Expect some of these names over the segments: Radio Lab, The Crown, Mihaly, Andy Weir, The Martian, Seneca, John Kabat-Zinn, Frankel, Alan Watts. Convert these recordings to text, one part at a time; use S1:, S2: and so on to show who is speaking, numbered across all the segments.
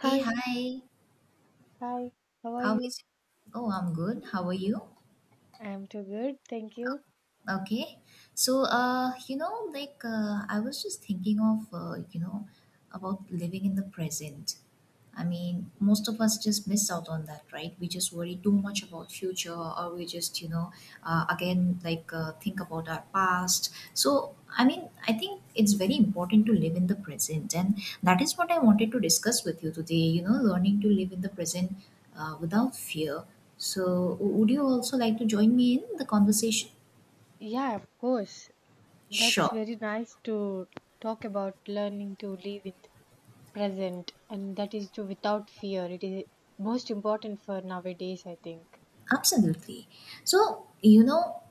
S1: Hey,
S2: Hi,
S1: hi.
S2: Hi, how are
S1: How
S2: you?
S1: is it? Oh, I'm good. How are you?
S2: I'm too good, thank you.
S1: Okay. I was just thinking about living in the present. I mean, most of us just miss out on that, right? We just worry too much about future, or we just, again, think about our past. So, I mean, I think it's very important to live in the present, and that is what I wanted to discuss with you today. You know, learning to live in the present without fear. So, would you also like to join me in the conversation?
S2: Yeah, of course. That's
S1: Sure,
S2: very nice to talk about learning to live in the present, and that is to without fear. It is most important for nowadays, I think.
S1: absolutely. So, you know,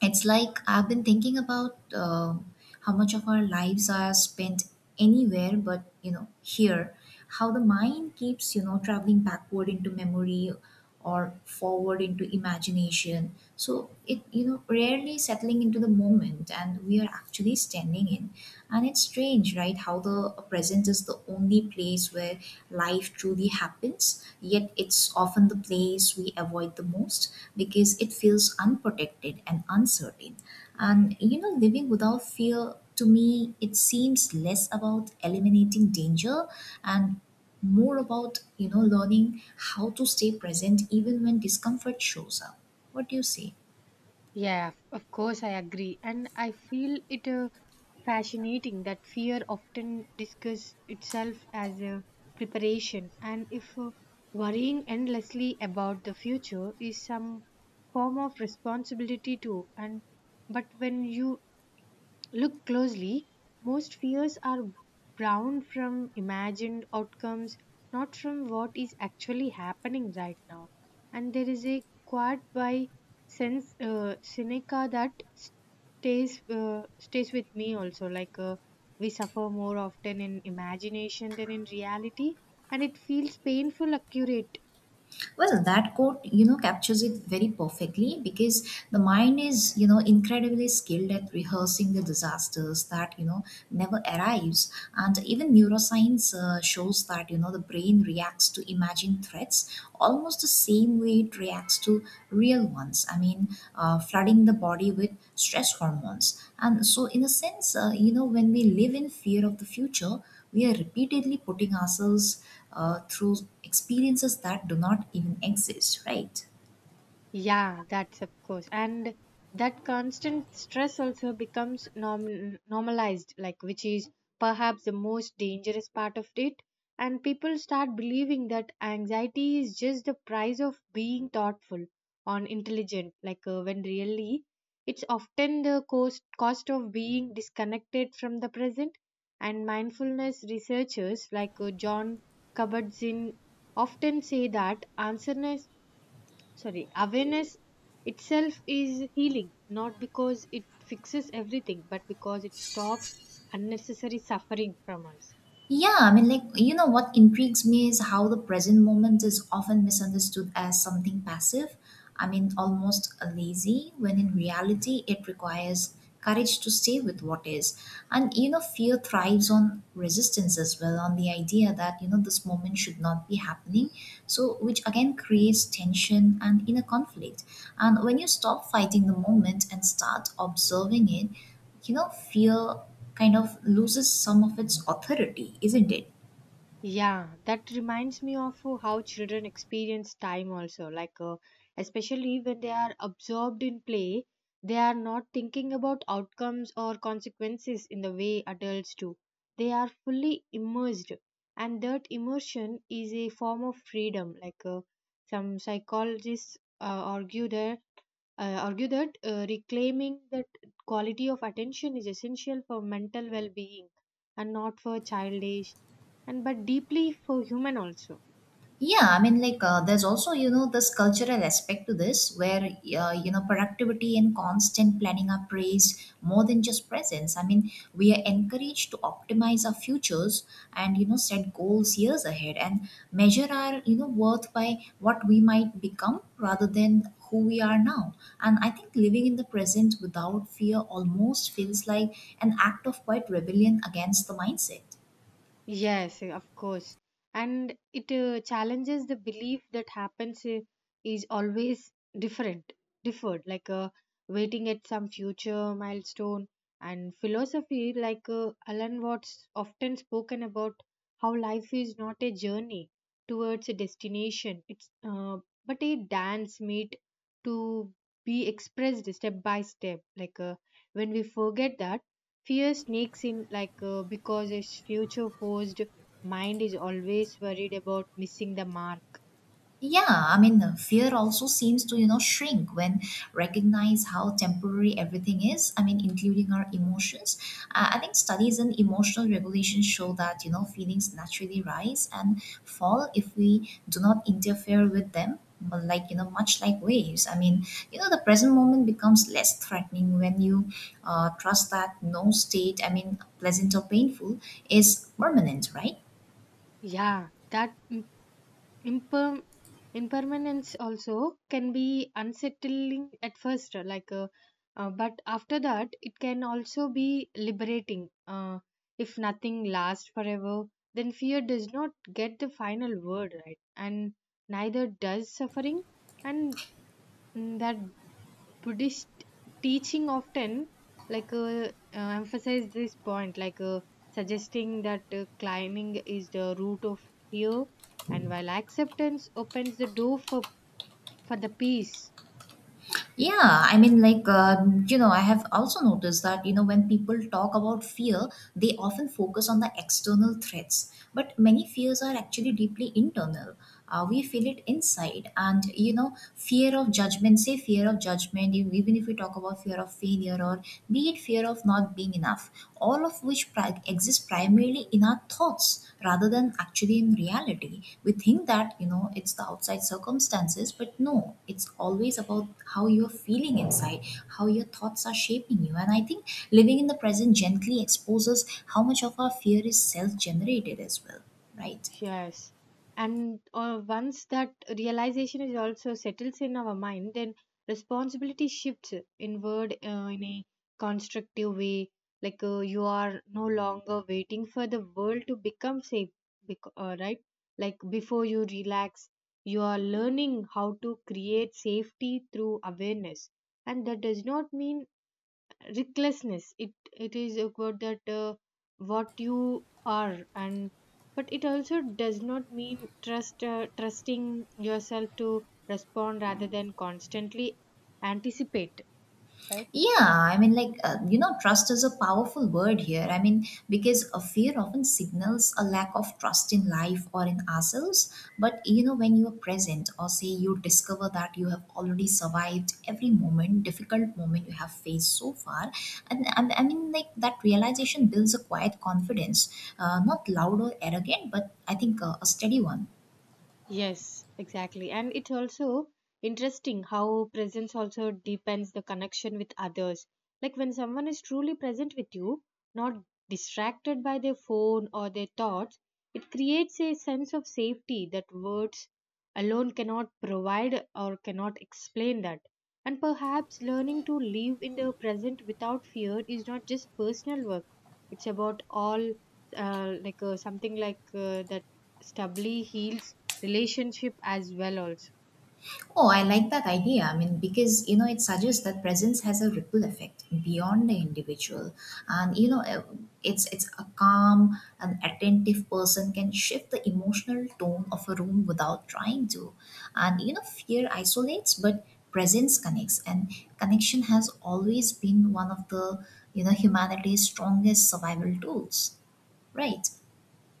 S1: it's like I've been thinking about how much of our lives are spent anywhere but, you know, here, how the mind keeps, you know, traveling backward into memory or forward into imagination. So, it, you know, rarely settling into the moment and we are actually standing in. And it's strange, right? How the present is the only place where life truly happens, yet it's often the place we avoid the most because it feels unprotected and uncertain. And you know, living without fear to me, it seems less about eliminating danger and more about you know learning how to stay present even when discomfort shows up. What do you say?
S2: Yeah, of course, I agree. And I feel it fascinating that fear often discusses itself as a preparation. And if worrying endlessly about the future is some form of responsibility too, and but when you look closely, most fears are bound from imagined outcomes, not from what is actually happening right now. And there is a quote by sense Seneca that stays with me also. We suffer more often in imagination than in reality, and it feels painful accurate.
S1: Well, that quote, you know, captures it very perfectly because the mind is, you know, incredibly skilled at rehearsing the disasters that, you know, never arrives. And even neuroscience shows that, you know, the brain reacts to imagined threats almost the same way it reacts to real ones. I mean, flooding the body with stress hormones. And so, in a sense, you know, when we live in fear of the future, we are repeatedly putting ourselves through experiences that do not even exist, right?
S2: Yeah, that's of course. And that constant stress also becomes normalized, like which is perhaps the most dangerous part of it. And people start believing that anxiety is just the price of being thoughtful or intelligent, when really it's often the cost of being disconnected from the present. And mindfulness researchers like John Kabat-Zinn often say that answerness sorry awareness itself is healing, not because it fixes everything but because it stops unnecessary suffering from us.
S1: Yeah, I mean, like, you know, what intrigues me is how the present moment is often misunderstood as something passive. I mean, almost a lazy, when in reality, it requires courage to stay with what is. And, you know, fear thrives on resistance as well, on the idea that, you know, this moment should not be happening. So, which again creates tension and inner conflict. And when you stop fighting the moment and start observing it, you know, fear kind of loses some of its authority, isn't it?
S2: Yeah, that reminds me of how children experience time also. Especially when they are absorbed in play, they are not thinking about outcomes or consequences in the way adults do. They are fully immersed, and that immersion is a form of freedom. Some psychologists argue that reclaiming that quality of attention is essential for mental well-being, and not for childish and but deeply for human also.
S1: Yeah, I mean, there's also you know, this cultural aspect to this where, you know, productivity and constant planning are praised more than just presence. I mean, we are encouraged to optimize our futures and, you know, set goals years ahead and measure our, you know, worth by what we might become rather than who we are now. And I think living in the present without fear almost feels like an act of quite rebellion against the mindset.
S2: Yes, of course. And it challenges the belief that happens is always different, differed, waiting at some future milestone. And philosophy, like Alan Watts, often spoken about how life is not a journey towards a destination, it's but a dance made to be expressed step by step. When we forget that fear sneaks in because its future posed mind is always worried about missing the mark.
S1: Yeah, I mean, the fear also seems to, you know, shrink when recognize how temporary everything is. I mean, including our emotions. I think studies in emotional regulation show that, you know, feelings naturally rise and fall if we do not interfere with them. But like, you know, much like waves. I mean, you know, the present moment becomes less threatening when you trust that no state, I mean, pleasant or painful, is permanent, right?
S2: Yeah, that imper- impermanence also can be unsettling at first, but after that, it can also be liberating. If nothing lasts forever, then fear does not get the final word, right? And neither does suffering, and that Buddhist teaching often emphasize this point, suggesting that climbing is the root of fear, and while acceptance opens the door for the peace.
S1: Yeah, I mean, you know, I have also noticed that, you know, when people talk about fear, they often focus on the external threats. But many fears are actually deeply internal. We feel it inside. And, you know, fear of judgment, say fear of judgment, even if we talk about fear of failure or be it fear of not being enough, all of which exist primarily in our thoughts rather than actually in reality. We think that, you know, it's the outside circumstances, but no, it's always about how you're feeling inside, how your thoughts are shaping you. And I think living in the present gently exposes how much of our fear is self generated as well, right?
S2: Yes. And once that realization is also settles in our mind, then responsibility shifts inward in a constructive way. You are no longer waiting for the world to become safe, right? Like before you relax, you are learning how to create safety through awareness. And that does not mean recklessness, it is about that what you are, and but it also does not mean trusting yourself to respond rather than constantly anticipate, right?
S1: Yeah, I mean, you know, trust is a powerful word here. I mean, because a fear often signals a lack of trust in life or in ourselves. But, you know, when you are present, or say you discover that you have already survived every moment, difficult moment you have faced so far, I mean, like, that realization builds a quiet confidence, not loud or arrogant, but I think a steady one.
S2: Yes, exactly. And it's also interesting how presence also deepens the connection with others. Like when someone is truly present with you, not distracted by their phone or their thoughts, it creates a sense of safety that words alone cannot provide or cannot explain that. And perhaps learning to live in the present without fear is not just personal work. It's about all, like something like that stably heals relationship as well also.
S1: Oh, I like that idea. I mean, because, you know, it suggests that presence has a ripple effect beyond the individual. And, it's a calm and attentive person can shift the emotional tone of a room without trying to. And, you know, fear isolates, but presence connects. And connection has always been one of the, you know, humanity's strongest survival tools. Right.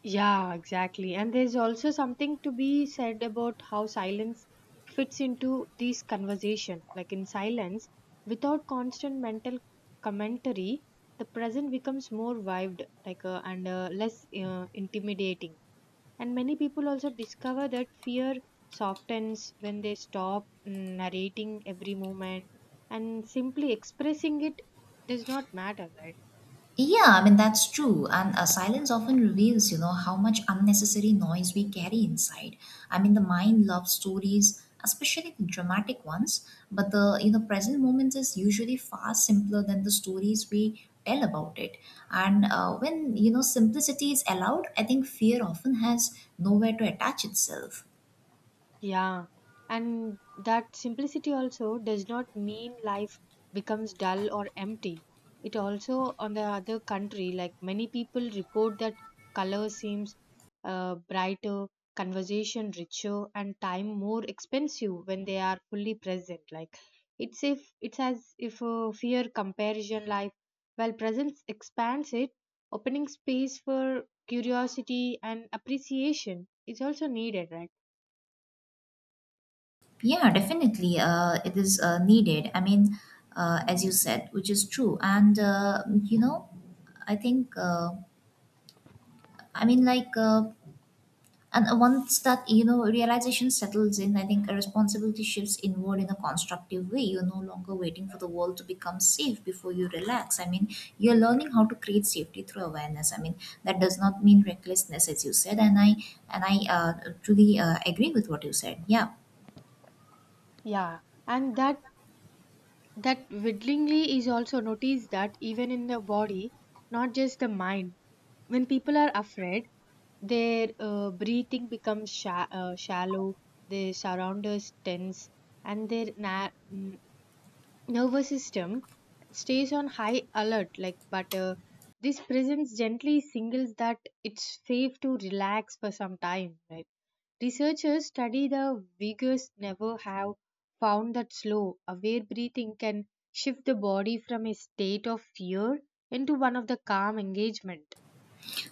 S2: Yeah, exactly. And there's also something to be said about how silence fits into this conversation. Like in silence, without constant mental commentary, the present becomes more vibed, like and less intimidating. And many people also discover that fear softens when they stop narrating every moment and simply expressing it does not matter, right?
S1: Yeah, I mean, that's true. And silence often reveals, you know, how much unnecessary noise we carry inside. I mean, the mind loves stories, especially the dramatic ones, but the, you know, present moment is usually far simpler than the stories we tell about it. And when, you know, simplicity is allowed, I think fear often has nowhere to attach itself.
S2: Yeah, and that simplicity also does not mean life becomes dull or empty. It also, on the other country, like many people report that color seems brighter, conversation richer, and time more expensive when they are fully present. It's as if fear comparison life, while presence expands it, opening space for curiosity and appreciation is also needed, right?
S1: Yeah, definitely. It is needed. I mean, as you said, which is true. And, you know, I think. I mean, like, and once that you know realization settles in, I think a responsibility shifts inward in a constructive way. You're no longer waiting for the world to become safe before you relax. I mean, you're learning how to create safety through awareness. I mean, that does not mean recklessness, as you said, and I truly agree with what you said. Yeah.
S2: Yeah, and that whittlingly is also noticed that even in the body, not just the mind. When people are afraid, their breathing becomes shallow, their surroundings tense, and their nervous system stays on high alert, but this presence gently signals that it's safe to relax for some time, right? Researchers study the vigorous never have found that slow aware breathing can shift the body from a state of fear into one of the calm engagement.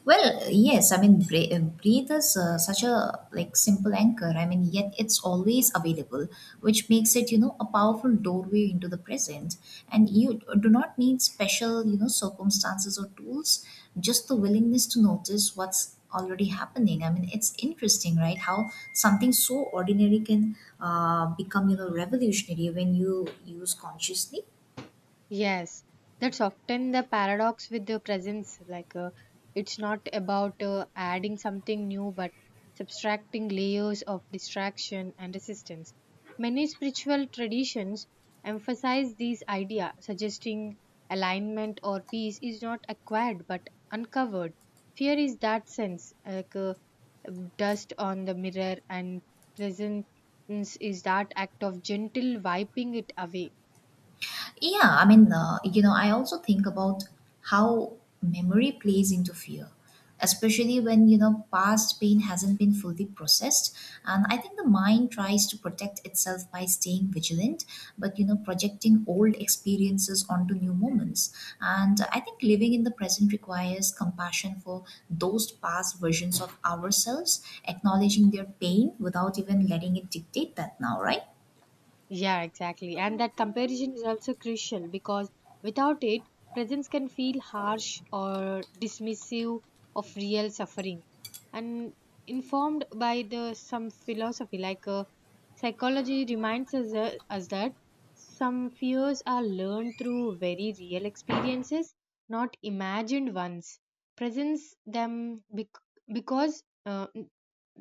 S1: Well, yes, I mean, breathe is such a like simple anchor. I mean, yet it's always available, which makes it, you know, a powerful doorway into the present. And you do not need special, you know, circumstances or tools, just the willingness to notice what's already happening. I mean, it's interesting, right? How something so ordinary can become, you know, revolutionary when you use consciously.
S2: Yes, that's often the paradox with the presence. It's not about adding something new, but subtracting layers of distraction and resistance. Many spiritual traditions emphasize this idea, suggesting alignment or peace is not acquired but uncovered. Fear is that sense, like dust on the mirror, and presence is that act of gentle wiping it away.
S1: Yeah, I mean, you know, I also think about how memory plays into fear, especially when, you know, past pain hasn't been fully processed. And I think the mind tries to protect itself by staying vigilant, but, you know, projecting old experiences onto new moments. And I think living in the present requires compassion for those past versions of ourselves, acknowledging their pain without even letting it dictate that now, right?
S2: Yeah, exactly. And that comparison is also crucial because without it, presence can feel harsh or dismissive of real suffering. And informed by the some philosophy like psychology reminds us that some fears are learned through very real experiences, not imagined ones. Presence them bec- because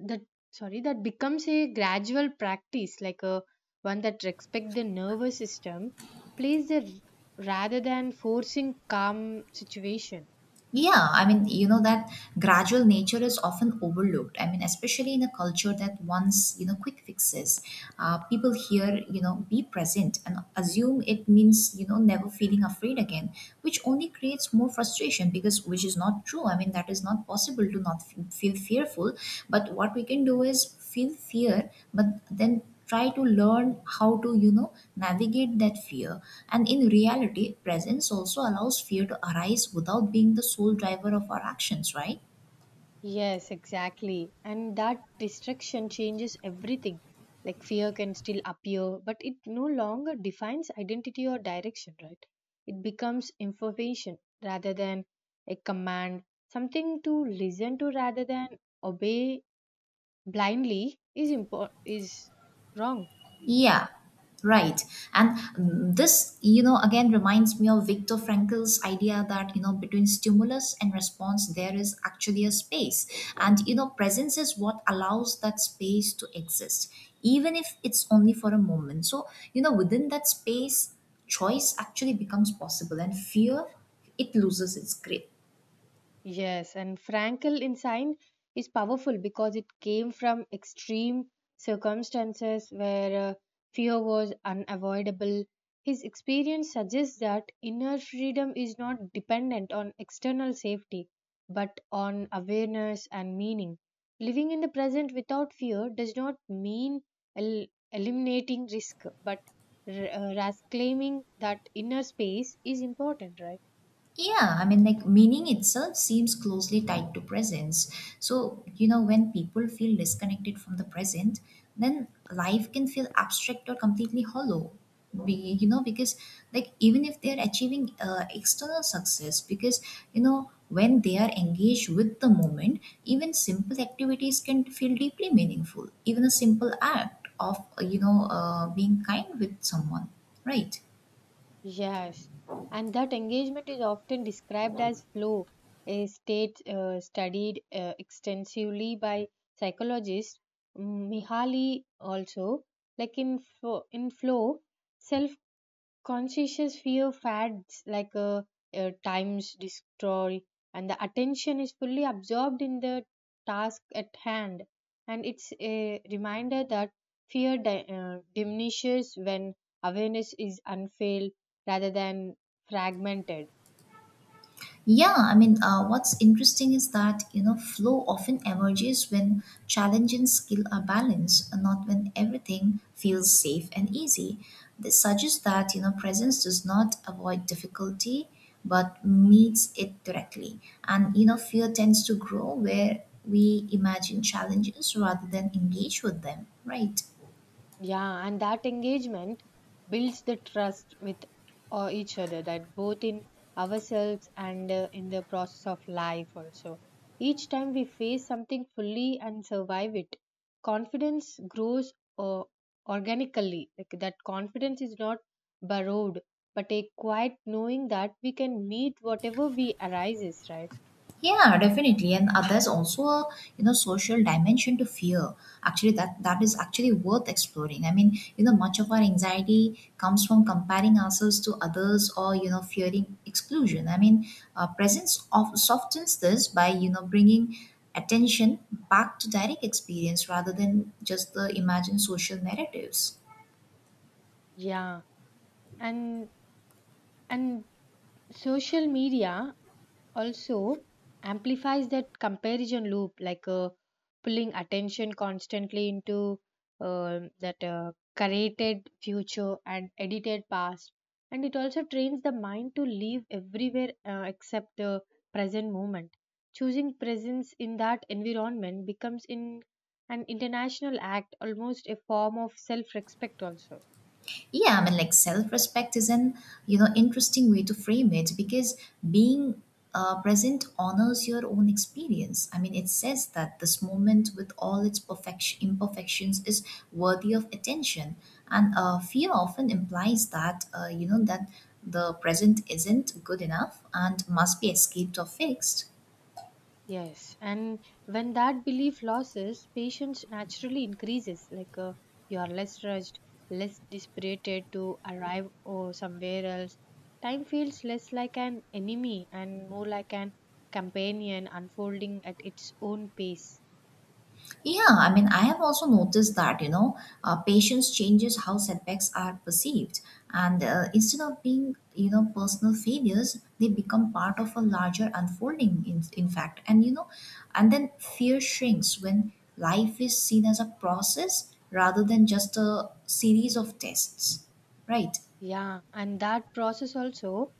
S2: that sorry that becomes a gradual practice, like a one that respect the nervous system plays the rather than forcing calm situation.
S1: Yeah, I mean, you know, that gradual nature is often overlooked. I mean, especially in a culture that wants, you know, quick fixes. People hear you know, be present and assume it means, you know, never feeling afraid again, which only creates more frustration because, which is not true. I mean, that is not possible to not feel fearful. But what we can do is feel fear, but then try to learn how to you know navigate that fear and in reality presence also allows fear to arise without being the sole driver of our actions right.
S2: Yes, exactly. And that distraction changes everything. Like fear can still appear, but it no longer defines identity or direction, right? It becomes information rather than a command. Something to listen to rather than obey blindly is wrong.
S1: Yeah, right. And this, you know, again reminds me of Viktor Frankl's idea that, you know, between stimulus and response, there is actually a space. And, you know, presence is what allows that space to exist, even if it's only for a moment. So, you know, within that space, choice actually becomes possible and fear, it loses its grip.
S2: Yes, and Frankel insight is powerful because it came from extreme circumstances where fear was unavoidable. His experience suggests that inner freedom is not dependent on external safety, but on awareness and meaning. Living in the present without fear does not mean el- eliminating risk, but claiming that inner space is important, right?
S1: Yeah, I mean, like meaning itself seems closely tied to presence. So, you know, when people feel disconnected from the present, then life can feel abstract or completely hollow. Be, you know, because like even if they're achieving external success, because you know, when they are engaged with the moment, even simple activities can feel deeply meaningful. Even a simple act of, being kind with someone, right?
S2: Yes, and that engagement is often described as flow, a state studied extensively by psychologist Mihaly also. In flow, self Conscious fear fads like times destroy, and the attention is fully absorbed in the task at hand. And it's a reminder that fear diminishes when awareness is unfailed rather than fragmented.
S1: Yeah, I mean, what's interesting is that, you know, flow often emerges when challenge and skill are balanced, and not when everything feels safe and easy. This suggests that, you know, presence does not avoid difficulty but meets it directly. And, you know, fear tends to grow where we imagine challenges rather than engage with them, right?
S2: Yeah, and that engagement builds the trust with each other, that both in ourselves and in the process of life also. Each time we face something fully and survive it, confidence grows uh, organically. Like that confidence is not borrowed, but a quiet knowing that we can meet whatever we arises, right?
S1: Yeah, definitely. And there's also a you know social dimension to fear. Actually, that is actually worth exploring. I mean, you know, much of our anxiety comes from comparing ourselves to others or you know fearing exclusion. I mean, presence of softens this by you know bringing attention back to direct experience rather than just the imagined social narratives.
S2: Yeah, and and social media also amplifies that comparison loop, pulling attention constantly into that curated future and edited past, and it also trains the mind to live everywhere except the present moment. Choosing presence in that environment becomes in an international act, almost a form of self-respect also.
S1: Yeah, I mean, like self respect is an you know interesting way to frame it because being present honors your own experience. I mean, it says that this moment with all its perfection imperfections is worthy of attention, and fear often implies that that the present isn't good enough and must be escaped or fixed.
S2: Yes, and when that belief loses, patience naturally increases. You are less rushed, less dispirited to arrive or somewhere else. Time feels less like an enemy and more like an companion unfolding at its own pace.
S1: Yeah, I mean, I have also noticed that, patience changes how setbacks are perceived. And instead of being, personal failures, they become part of a larger unfolding, in fact. And then fear shrinks when life is seen as a process rather than just a series of tests. Right.
S2: Yeah, and that process also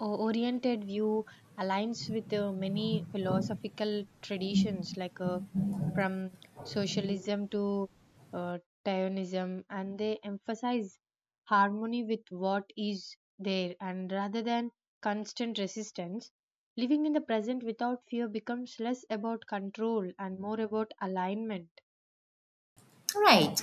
S2: oriented view aligns with many philosophical traditions like from socialism to uh, Taoism, and they emphasize harmony with what is there, and rather than constant resistance, living in the present without fear becomes less about control and more about alignment.
S1: Right.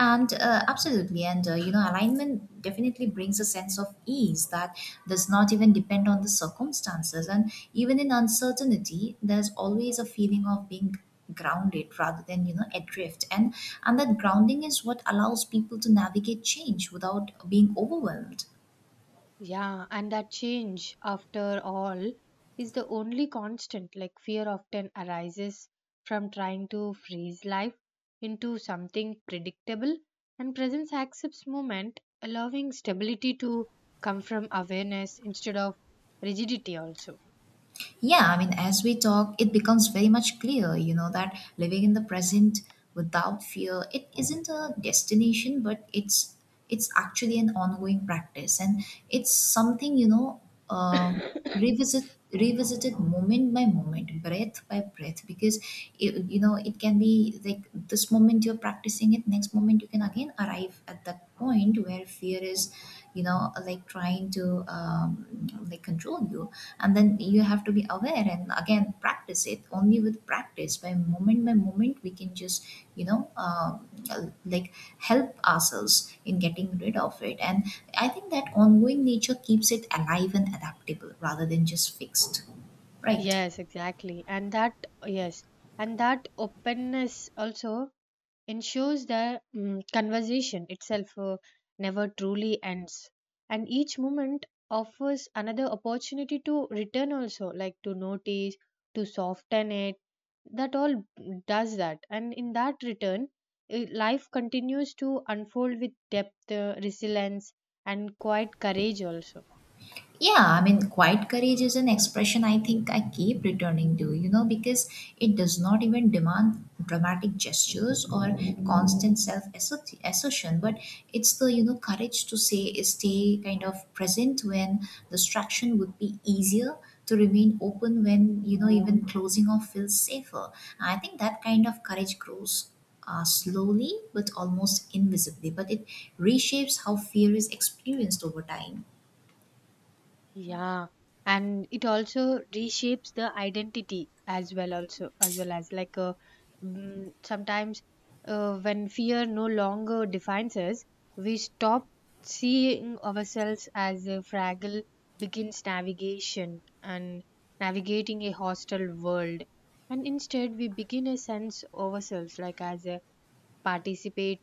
S1: And absolutely, and alignment definitely brings a sense of ease that does not even depend on the circumstances. And even in uncertainty, there's always a feeling of being grounded rather than adrift. And that grounding is what allows people to navigate change without being overwhelmed.
S2: Yeah, and that change, after all, is the only constant. Like, fear often arises from trying to freeze life into something predictable, and presence accepts movement, allowing stability to come from awareness instead of rigidity, also.
S1: Yeah, I mean, as we talk, it becomes very much clear, that living in the present without fear, it isn't a destination, but it's actually an ongoing practice, and it's something um revisit revisited moment by moment, breath by breath, because it, it can be like this moment you're practicing it, next moment you can again arrive at that point where fear is like trying to like control you, and then you have to be aware and again practice it, only with practice, by moment we can just you know uh, like help ourselves in getting rid of it. And I think that ongoing nature keeps it alive and adaptable rather than just fixed. Right.
S2: Yes, exactly. And that, yes, and that openness also ensures the conversation itself never truly ends, and each moment offers another opportunity to return, also like to notice, to soften it, that all does that. And in that return, life continues to unfold with depth, resilience, and quite courage also.
S1: Yeah, I mean, quiet courage is an expression I think I keep returning to, you know, because it does not even demand dramatic gestures or constant self assertion, but it's the, you know, courage to say, stay kind of present when distraction would be easier, to remain open when, you know, even closing off feels safer. I think that kind of courage grows. Slowly but almost invisibly, but it reshapes how fear is experienced over time.
S2: Yeah, and it also reshapes the identity as well, also as well as sometimes when fear no longer defines us, we stop seeing ourselves as a fragile begins navigation and navigating a hostile world, and instead we begin a sense ourselves like as a participate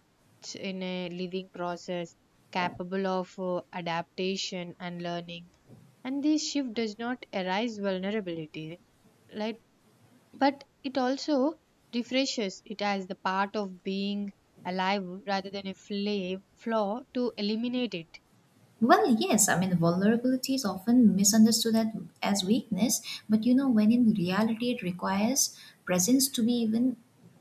S2: in a living process capable of adaptation and learning. And this shift does not arise vulnerability, like, but it also refreshes it as the part of being alive rather than a flaw to eliminate it.
S1: Well, yes, I mean, vulnerability is often misunderstood at, as weakness, but you know, when in reality it requires presence to be even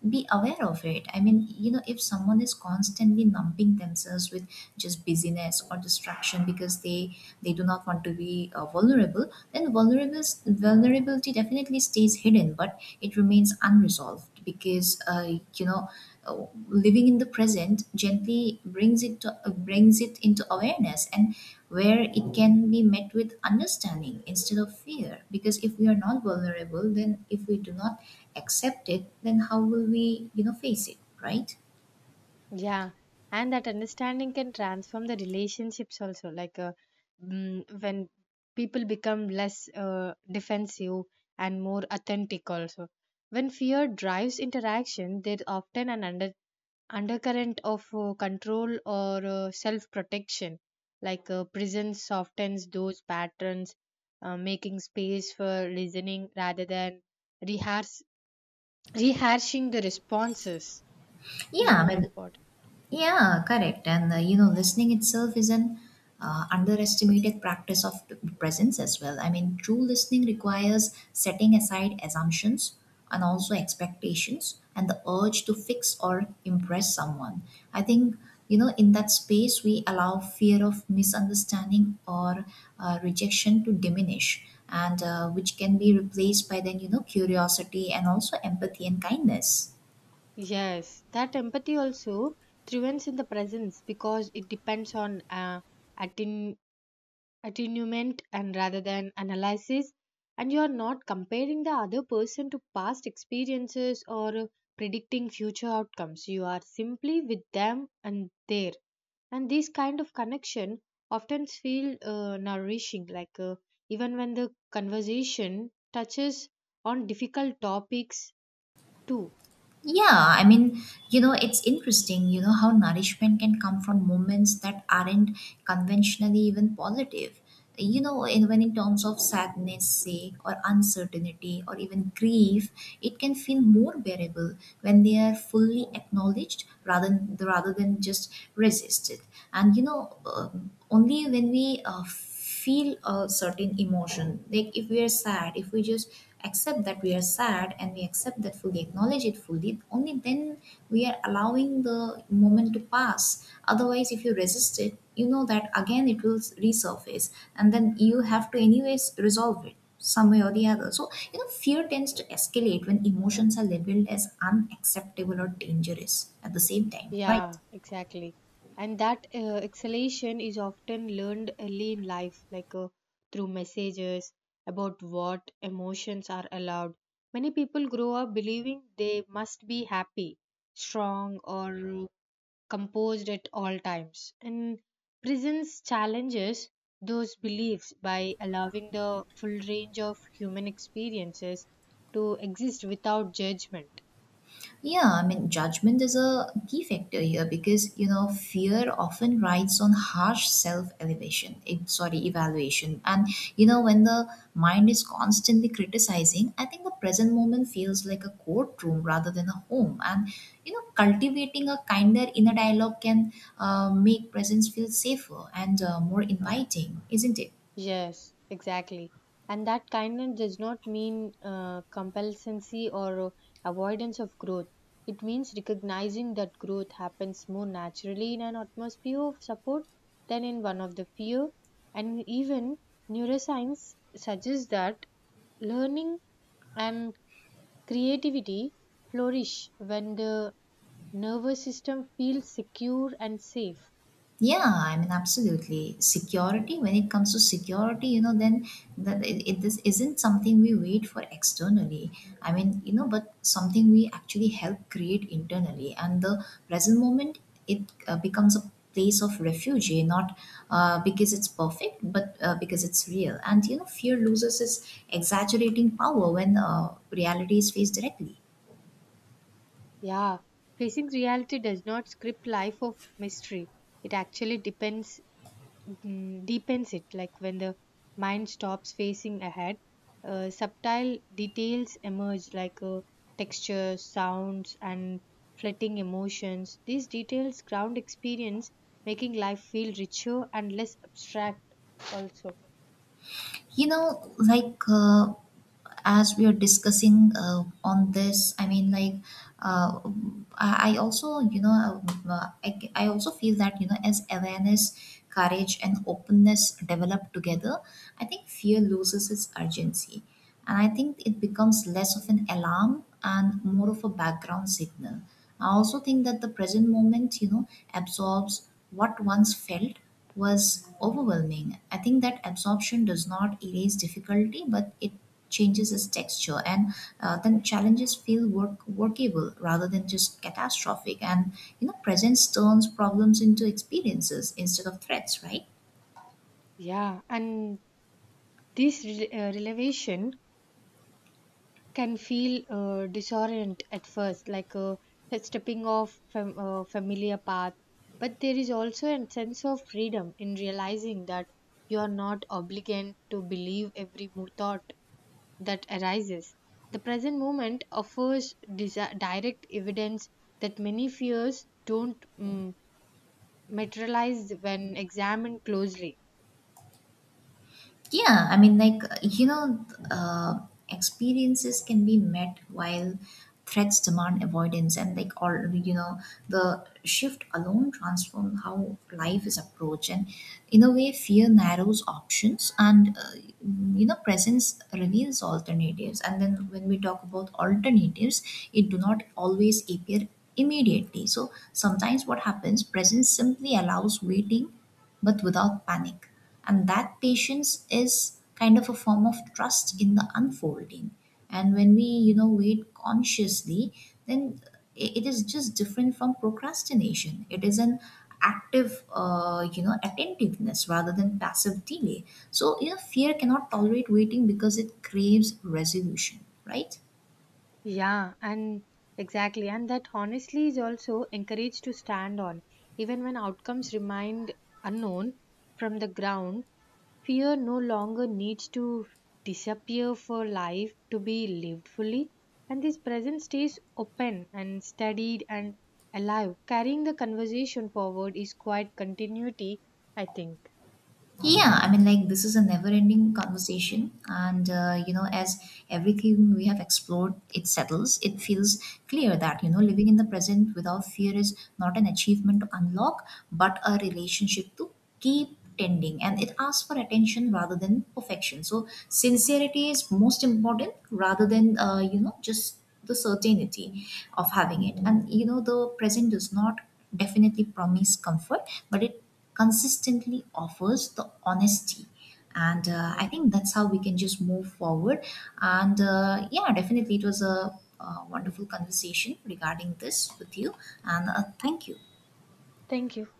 S1: be aware of it. I mean, you know, if someone is constantly numbing themselves with just busyness or distraction because they do not want to be vulnerable, then vulnerable vulnerability definitely stays hidden, but it remains unresolved because living in the present gently brings it to, brings it into awareness and where it can be met with understanding instead of fear, because if we are not vulnerable, then if we do not accept it, then how will we, you know, face it, right?
S2: Yeah, and that understanding can transform the relationships also. When people become less defensive and more authentic, also. When fear drives interaction, there often an undercurrent of control or self protection, prison softens those patterns, making space for listening rather than rehearse, rehashing the responses is
S1: Yeah,
S2: more
S1: but
S2: important.
S1: yeah, correct. And you know, listening itself is an underestimated practice of presence as well. I mean, true listening requires setting aside assumptions and also expectations and the urge to fix or impress someone. I think, you know, in that space, we allow fear of misunderstanding or rejection to diminish, and which can be replaced by then, you know, curiosity and also empathy and kindness.
S2: Yes, that empathy also thrives in the presence because it depends on attunement and rather than analysis, and you are not comparing the other person to past experiences or predicting future outcomes. You are simply with them and there, and this kind of connection often feel nourishing, even when the conversation touches on difficult topics too.
S1: Yeah, I mean, you know, it's interesting, you know, how nourishment can come from moments that aren't conventionally even positive. You know, in, when in terms of sadness, sake, or uncertainty, or even grief, it can feel more bearable when they are fully acknowledged rather than just resisted. And, you know, only when we feel a certain emotion. Like if we are sad, if we just accept that we are sad and we accept that fully, acknowledge it fully, only then we are allowing the moment to pass. Otherwise, if you resist it, you know that again it will resurface, and then you have to, anyways, resolve it some way or the other. So, you know, fear tends to escalate when emotions are labeled as unacceptable or dangerous at the same time, right?
S2: Yeah, exactly. And that exhalation is often learned early in life, through messages about what emotions are allowed. Many people grow up believing they must be happy, strong, or composed at all times. And prisons challenges those beliefs by allowing the full range of human experiences to exist without judgment.
S1: Yeah, I mean, judgment is a key factor here because, you know, fear often rides on harsh self elevation, eh, sorry, evaluation. And, you know, when the mind is constantly criticizing, I think the present moment feels like a courtroom rather than a home. And, you know, cultivating a kinder inner dialogue can make presence feel safer and more inviting, isn't it?
S2: Yes, exactly. And that kindness does not mean complacency or avoidance of growth. It means recognizing that growth happens more naturally in an atmosphere of support than in one of the fear. And even neuroscience suggests that learning and creativity flourish when the nervous system feels secure and safe.
S1: Yeah, I mean, absolutely. Security, when it comes to security, you know, then that this isn't something we wait for externally. I mean, you know, but something we actually help create internally. And the present moment, it becomes a place of refuge, eh, not because it's perfect, but because it's real. And, you know, fear loses its exaggerating power when reality is faced directly.
S2: Yeah, facing reality does not script life of mystery. It actually depends deepens it. Like when the mind stops facing ahead, subtle details emerge, like textures, sounds, and fleeting emotions. These details ground experience, making life feel richer and less abstract. Also,
S1: You know, like as we are discussing on this, I mean, like uh, I also, you know, I also feel that, you know, as awareness, courage, and openness develop together, I think fear loses its urgency, and I think it becomes less of an alarm and more of a background signal. I also think that the present moment, you know, absorbs what once felt was overwhelming. I think that absorption does not erase difficulty, but it changes its texture, and then challenges feel workable rather than just catastrophic. And you know, presence turns problems into experiences instead of threats, right?
S2: yeah, and this revelation can feel disorient at first, like stepping off from a familiar path. But there is also a sense of freedom in realizing that you are not obligated to believe every thought that arises. The present moment offers direct evidence that many fears don't materialize when examined closely.
S1: Yeah, I mean, like, you know, experiences can be met while threats demand avoidance, and like, all you know, the shift alone transforms how life is approached. And in a way, fear narrows options, and you know, presence reveals alternatives. And then, when we talk about alternatives, it do not always appear immediately. So, sometimes what happens, presence simply allows waiting, but without panic. And that patience is kind of a form of trust in the unfolding. And when we, you know, wait consciously, then it is just different from procrastination. It is an active, you know, attentiveness rather than passive delay. So, you know, fear cannot tolerate waiting because it craves resolution, right?
S2: Yeah, and exactly. And that honestly is also encouraged to stand on. Even when outcomes remain unknown from the ground, fear no longer needs to disappear for life to be lived fully. And this present stays open and studied and alive. Carrying the conversation forward is quite continuity, I think.
S1: Yeah, I mean, like, this is a never ending conversation. And, you know, as everything we have explored, it settles. It feels clear that, you know, living in the present without fear is not an achievement to unlock, but a relationship to keep tending. And it asks for attention rather than perfection. So, sincerity is most important rather than, you know, just the certainty of having it. And, you know, the present does not definitely promise comfort, but it consistently offers the honesty, and I
S2: Yeah.
S1: think that's how we can just move forward. And yeah, definitely it was a, wonderful conversation regarding this with you. And thank you.
S2: Thank you.